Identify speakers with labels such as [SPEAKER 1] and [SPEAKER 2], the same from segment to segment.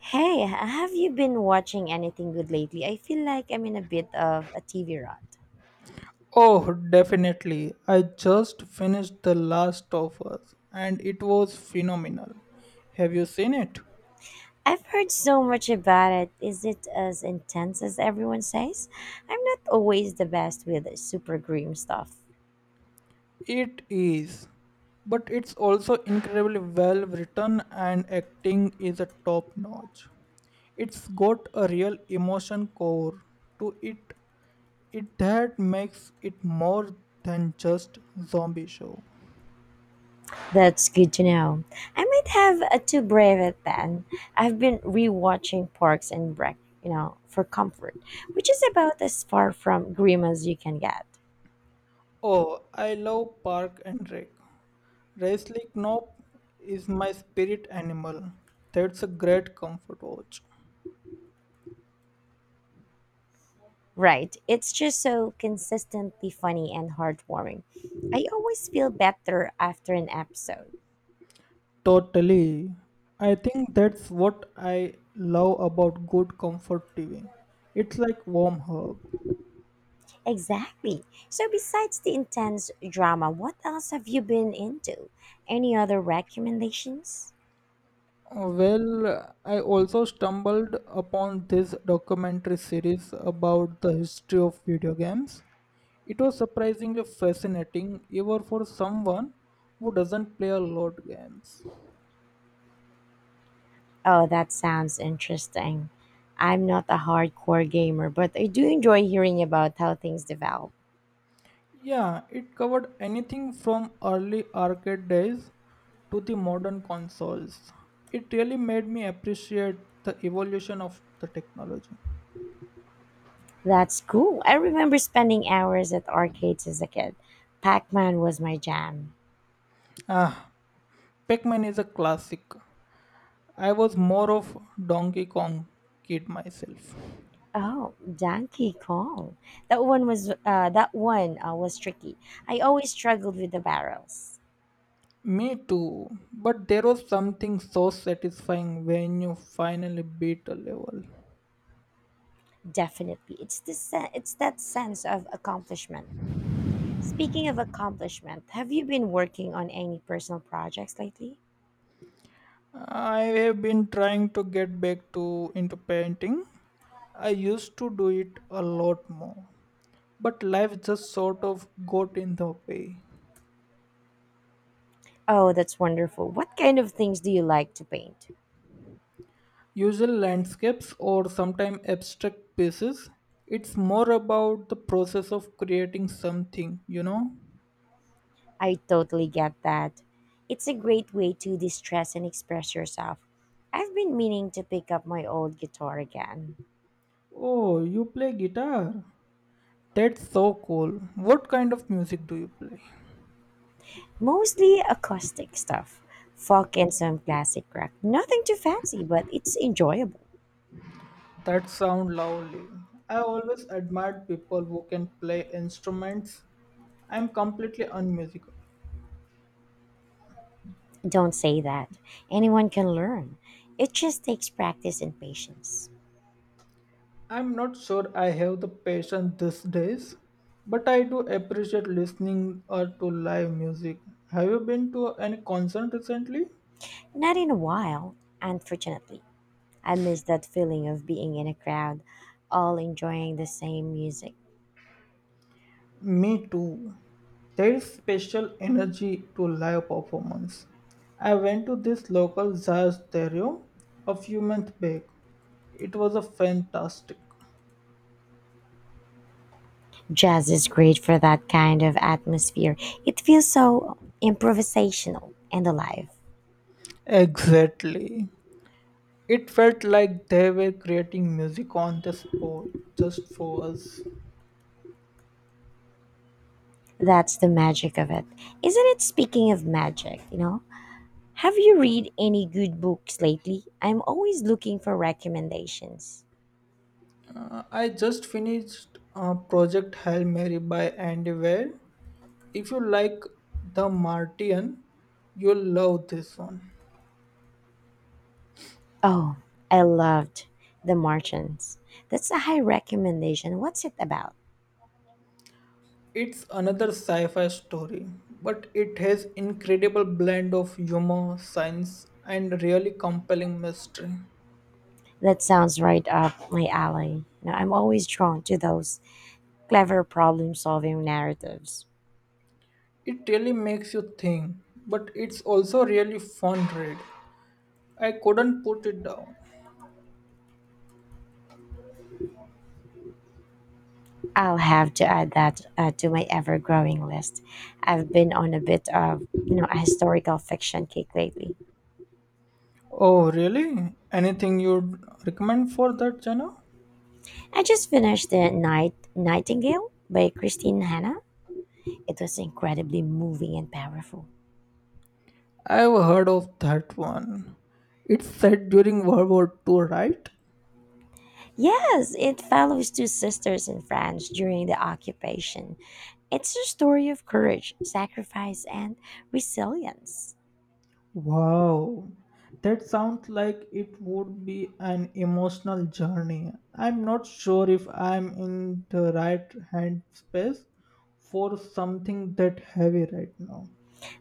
[SPEAKER 1] Hey, have you been watching anything good lately? I feel like I'm in a bit of a TV rut.
[SPEAKER 2] Oh, definitely. I just finished The Last of Us and it was phenomenal. Have you seen it?
[SPEAKER 1] I've heard so much about it. Is it as intense as everyone says? I'm not always the best with super grim stuff.
[SPEAKER 2] It is. But it's also incredibly well written and acting is a top notch. It's got a real emotion core to it. It that makes it more than just zombie show.
[SPEAKER 1] That's good to know. I might have a too brave it then. I've been rewatching Parks and Rec, for comfort, which is about as far from grim as you can get.
[SPEAKER 2] Oh, I love park and rec. Racely Knop is my spirit animal. That's a great comfort watch.
[SPEAKER 1] Right. It's just so consistently funny and heartwarming. I always feel better after an episode.
[SPEAKER 2] Totally. I think that's what I love about good comfort TV. It's like warm hug.
[SPEAKER 1] Exactly. So, besides the intense drama, what else have you been into? Any other recommendations?
[SPEAKER 2] Well, I also stumbled upon this documentary series about the history of video games. It was surprisingly fascinating, even for someone who doesn't play a lot games.
[SPEAKER 1] Oh, that sounds interesting. I'm not a hardcore gamer, but I do enjoy hearing about how things develop.
[SPEAKER 2] Yeah, it covered anything from early arcade days to the modern consoles. It really made me appreciate the evolution of the technology.
[SPEAKER 1] That's cool. I remember spending hours at arcades as a kid. Pac Man was my jam.
[SPEAKER 2] Ah, Pac-Man is a classic. I was more of Donkey Kong kid myself.
[SPEAKER 1] Oh, Donkey Kong. That one was tricky. I always struggled with the barrels.
[SPEAKER 2] Me too, but there was something so satisfying when you finally beat a level.
[SPEAKER 1] Definitely, it's that sense of accomplishment. Speaking of accomplishment, have you been working on any personal projects lately?
[SPEAKER 2] I have been trying to get back to into painting. I used to do it a lot more, but life just sort of got in the way.
[SPEAKER 1] Oh, that's wonderful. What kind of things do you like to paint?
[SPEAKER 2] Usual landscapes or sometimes abstract pieces. It's more about the process of creating something.
[SPEAKER 1] I totally get that. It's a great way to distress and express yourself. I've been meaning to pick up my old guitar again.
[SPEAKER 2] Oh, you play guitar? That's so cool. What kind of music do you play?
[SPEAKER 1] Mostly acoustic stuff, folk and some classic rock. Nothing too fancy, but it's enjoyable.
[SPEAKER 2] That sound lovely. I always admired people who can play instruments. I'm completely unmusical.
[SPEAKER 1] Don't say that. Anyone can learn. It just takes practice and patience.
[SPEAKER 2] I'm not sure I have the patience these days, but I do appreciate listening or to live music. Have you been to any concert recently?
[SPEAKER 1] Not in a while, unfortunately. I miss that feeling of being in a crowd, all enjoying the same music.
[SPEAKER 2] Me too. There is special energy to live performance. I went to this local jazz stereo a few months back. It was a fantastic.
[SPEAKER 1] Jazz is great for that kind of atmosphere. It feels so improvisational and alive.
[SPEAKER 2] Exactly. It felt like they were creating music on the spot just for us.
[SPEAKER 1] That's the magic of it. Isn't it? Speaking of magic, have you read any good books lately? I'm always looking for recommendations.
[SPEAKER 2] I just finished Project Hail Mary by Andy Weir. If you like The Martian, you'll love this one.
[SPEAKER 1] Oh, I loved The Martians. That's a high recommendation. What's it about?
[SPEAKER 2] It's another sci-fi story, but it has incredible blend of humor, science, and really compelling mystery.
[SPEAKER 1] That sounds right up my alley. Now, I'm always drawn to those clever problem solving narratives.
[SPEAKER 2] It really makes you think, but it's also really fun read. I couldn't put it down.
[SPEAKER 1] I'll have to add that to my ever growing list. I've been on a bit of a historical fiction kick lately.
[SPEAKER 2] Oh, really? Anything you'd recommend for that genre?
[SPEAKER 1] I just finished The Night Nightingale by Christine Hanna. It was incredibly moving and powerful.
[SPEAKER 2] I've heard of that one. It's set during World War II, right?
[SPEAKER 1] Yes, it follows two sisters in France during the occupation. It's a story of courage, sacrifice, and resilience.
[SPEAKER 2] Wow. That sounds like it would be an emotional journey. I'm not sure if I'm in the right hand space for something that heavy right now.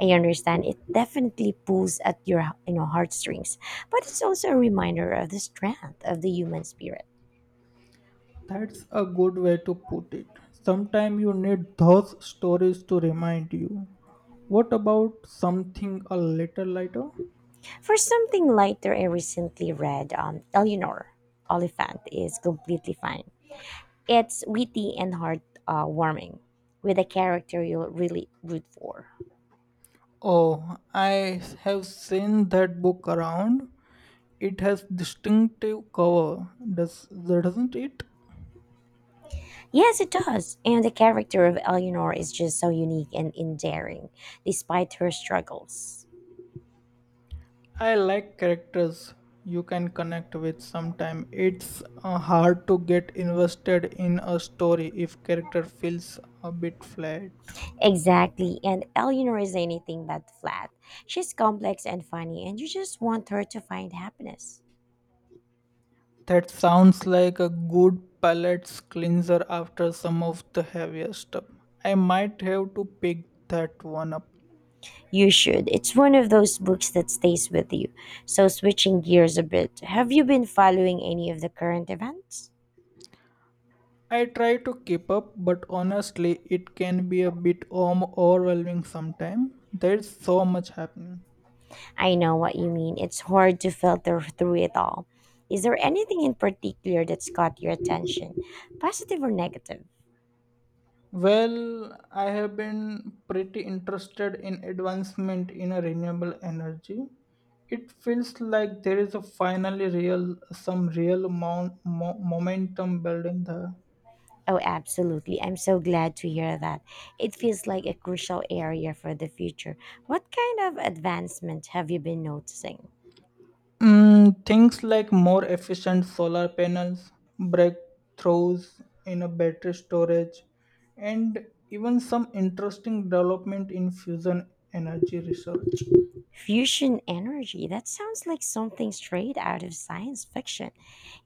[SPEAKER 1] I understand it definitely pulls at your heartstrings, but it's also a reminder of the strength of the human spirit.
[SPEAKER 2] That's a good way to put it. Sometimes you need those stories to remind you. What about something a little lighter?
[SPEAKER 1] For something lighter, I recently read Eleanor Oliphant is completely fine. It's witty and heartwarming with a character you'll really root for.
[SPEAKER 2] Oh, I have seen that book around. It has distinctive cover, doesn't it?
[SPEAKER 1] Yes, it does. And the character of Eleanor is just so unique and endearing despite her struggles.
[SPEAKER 2] I like characters you can connect with sometimes. It's hard to get invested in a story if character feels a bit flat.
[SPEAKER 1] Exactly. And Eleanor is anything but flat. She's complex and funny, and you just want her to find happiness.
[SPEAKER 2] That sounds like a good palate cleanser after some of the heavier stuff. I might have to pick that one up.
[SPEAKER 1] You should. It's one of those books that stays with you. So, switching gears a bit, have you been following any of the current events?
[SPEAKER 2] I try to keep up, but honestly, it can be a bit overwhelming sometimes. There's so much happening.
[SPEAKER 1] I know what you mean. It's hard to filter through it all. Is there anything in particular that's caught your attention, positive or negative?
[SPEAKER 2] Well, I have been pretty interested in advancement in a renewable energy. It feels like there is a finally real some real amount momentum building there.
[SPEAKER 1] Oh, absolutely. I'm so glad to hear that. It feels like a crucial area for the future. What kind of advancement have you been noticing?
[SPEAKER 2] Things like more efficient solar panels, breakthroughs in a battery storage, and even some interesting development in fusion energy research.
[SPEAKER 1] Fusion energy, that sounds like something straight out of science fiction.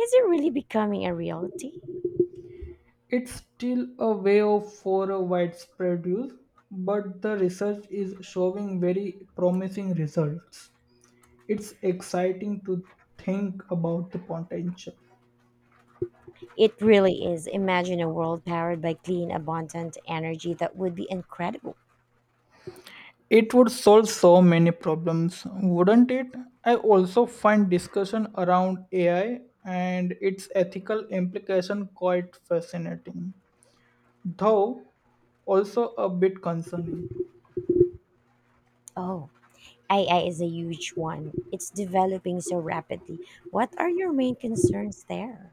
[SPEAKER 1] Is it really becoming a reality?
[SPEAKER 2] It's still a way of for a widespread use, but the research is showing very promising results. It's exciting to think about the potential.
[SPEAKER 1] It really is. Imagine a world powered by clean, abundant energy. That would be incredible.
[SPEAKER 2] It would solve so many problems, wouldn't it? I also find discussion around AI and its ethical implication quite fascinating, though also a bit concerning.
[SPEAKER 1] Oh, AI is a huge one. It's developing so rapidly. What are your main concerns there?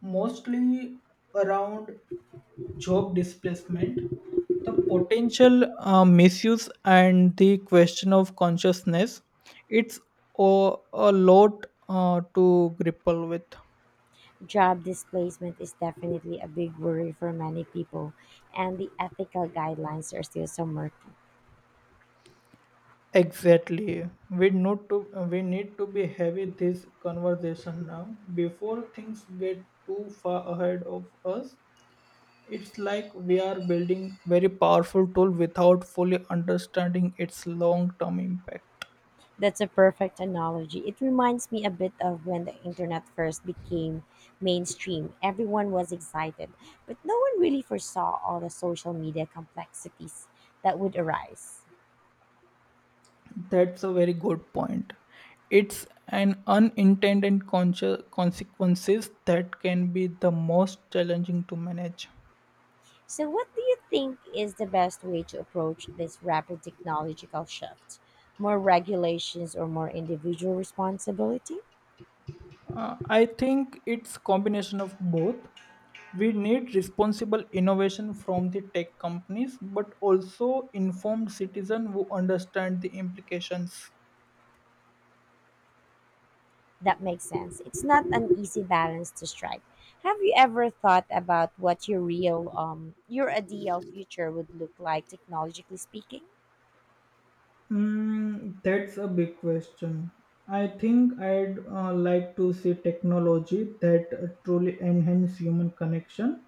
[SPEAKER 2] Mostly around job displacement, the potential misuse, and the question of consciousness. It's a lot to grapple with.
[SPEAKER 1] Job displacement is definitely a big worry for many people, and the ethical guidelines are still so murky.
[SPEAKER 2] Exactly. We need to be having this conversation now before things get too far ahead of us. It's like we are building very powerful tool without fully understanding its long-term impact.
[SPEAKER 1] That's a perfect analogy. It reminds me a bit of when the internet first became mainstream. Everyone was excited, but no one really foresaw all the social media complexities that would arise.
[SPEAKER 2] That's a very good point. It's an unintended conscious consequences that can be the most challenging to manage.
[SPEAKER 1] So, what do you think is the best way to approach this rapid technological shift? More regulations or more individual responsibility?
[SPEAKER 2] I think it's combination of both. We need responsible innovation from the tech companies, but also informed citizens who understand the implications.
[SPEAKER 1] That makes sense. It's not an easy balance to strike. Have you ever thought about what your ideal future would look like technologically speaking?
[SPEAKER 2] That's a big question. I think I'd like to see technology that truly enhance human connection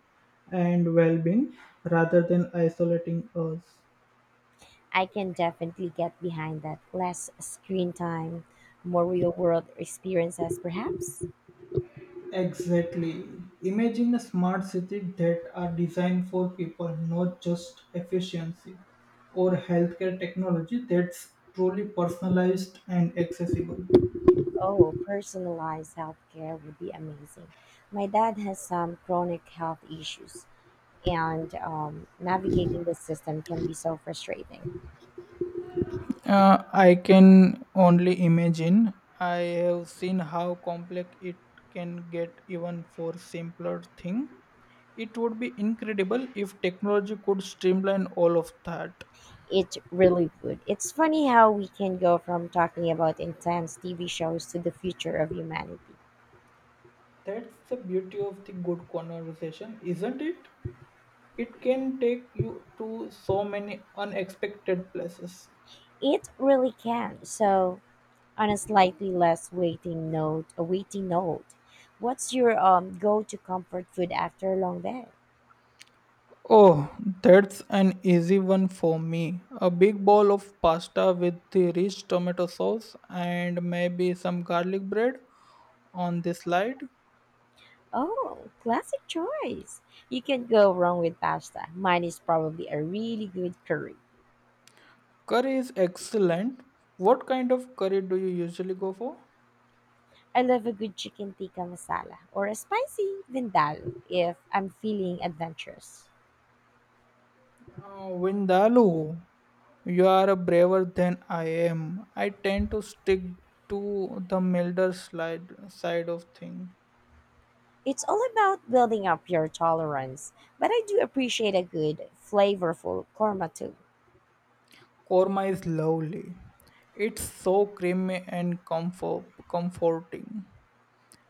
[SPEAKER 2] and well-being rather than isolating us.
[SPEAKER 1] I can definitely get behind that. Less screen time, more real world experiences perhaps.
[SPEAKER 2] Exactly. Imagine a smart city that are designed for people, not just efficiency or healthcare technology that's truly personalized and accessible.
[SPEAKER 1] Oh, personalized healthcare would be amazing. My dad has some chronic health issues and navigating the system can be so frustrating.
[SPEAKER 2] I can only imagine. I have seen how complex it can get even for simpler thing. It would be incredible if technology could streamline all of that.
[SPEAKER 1] It really would. It's funny how we can go from talking about intense TV shows to the future of humanity.
[SPEAKER 2] That's the beauty of the good conversation, isn't it? It can take you to so many unexpected places.
[SPEAKER 1] It really can. So, on a slightly less waiting note, a waiting note, what's your go-to comfort food after a long day?
[SPEAKER 2] Oh, that's an easy one for me. A big bowl of pasta with the rich tomato sauce and maybe some garlic bread on the slide.
[SPEAKER 1] Oh, classic choice. You can't go wrong with pasta. Mine is probably a really good curry.
[SPEAKER 2] Curry is excellent. What kind of curry do you usually go for?
[SPEAKER 1] I love a good chicken tikka masala or a spicy vindaloo if I'm feeling adventurous.
[SPEAKER 2] Vindaloo, you are braver than I am. I tend to stick to the milder slide side of thing.
[SPEAKER 1] It's all about building up your tolerance, but I do appreciate a good, flavorful korma too.
[SPEAKER 2] Korma is lovely. It's so creamy and comforting.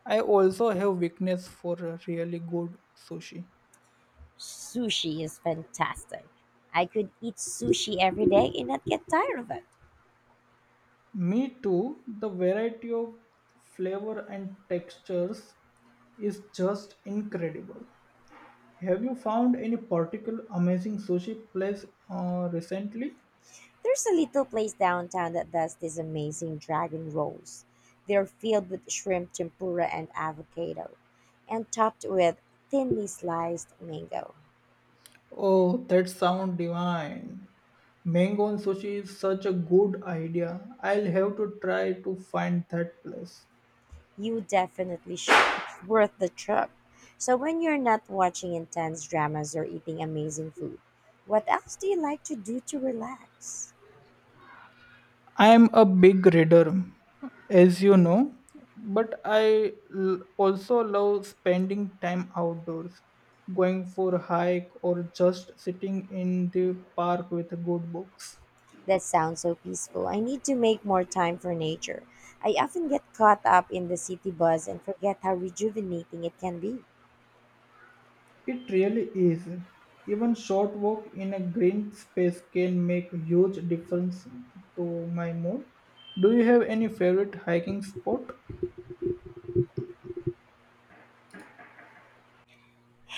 [SPEAKER 2] I also have weakness for a really good sushi.
[SPEAKER 1] Sushi is fantastic. I could eat sushi every day and not get tired of it.
[SPEAKER 2] Me too. The variety of flavor and textures is just incredible. Have you found any particular amazing sushi place recently?
[SPEAKER 1] There's a little place downtown that does these amazing dragon rolls. They're filled with shrimp tempura and avocado, and topped with thinly sliced mango.
[SPEAKER 2] Oh, that sound divine. Mango and sushi is such a good idea. I'll have to try to find that place.
[SPEAKER 1] You definitely should. It's worth the trip. So, when you're not watching intense dramas or eating amazing food, what else do you like to do to relax?
[SPEAKER 2] I am a big reader, as you know, but I also love spending time outdoors, going for a hike, or just sitting in the park with good books.
[SPEAKER 1] That sounds so peaceful. I need to make more time for nature. I often get caught up in the city buzz and forget how rejuvenating it can be.
[SPEAKER 2] It really is. Even short walk in a green space can make huge difference to my mood. Do you have any favorite hiking spot?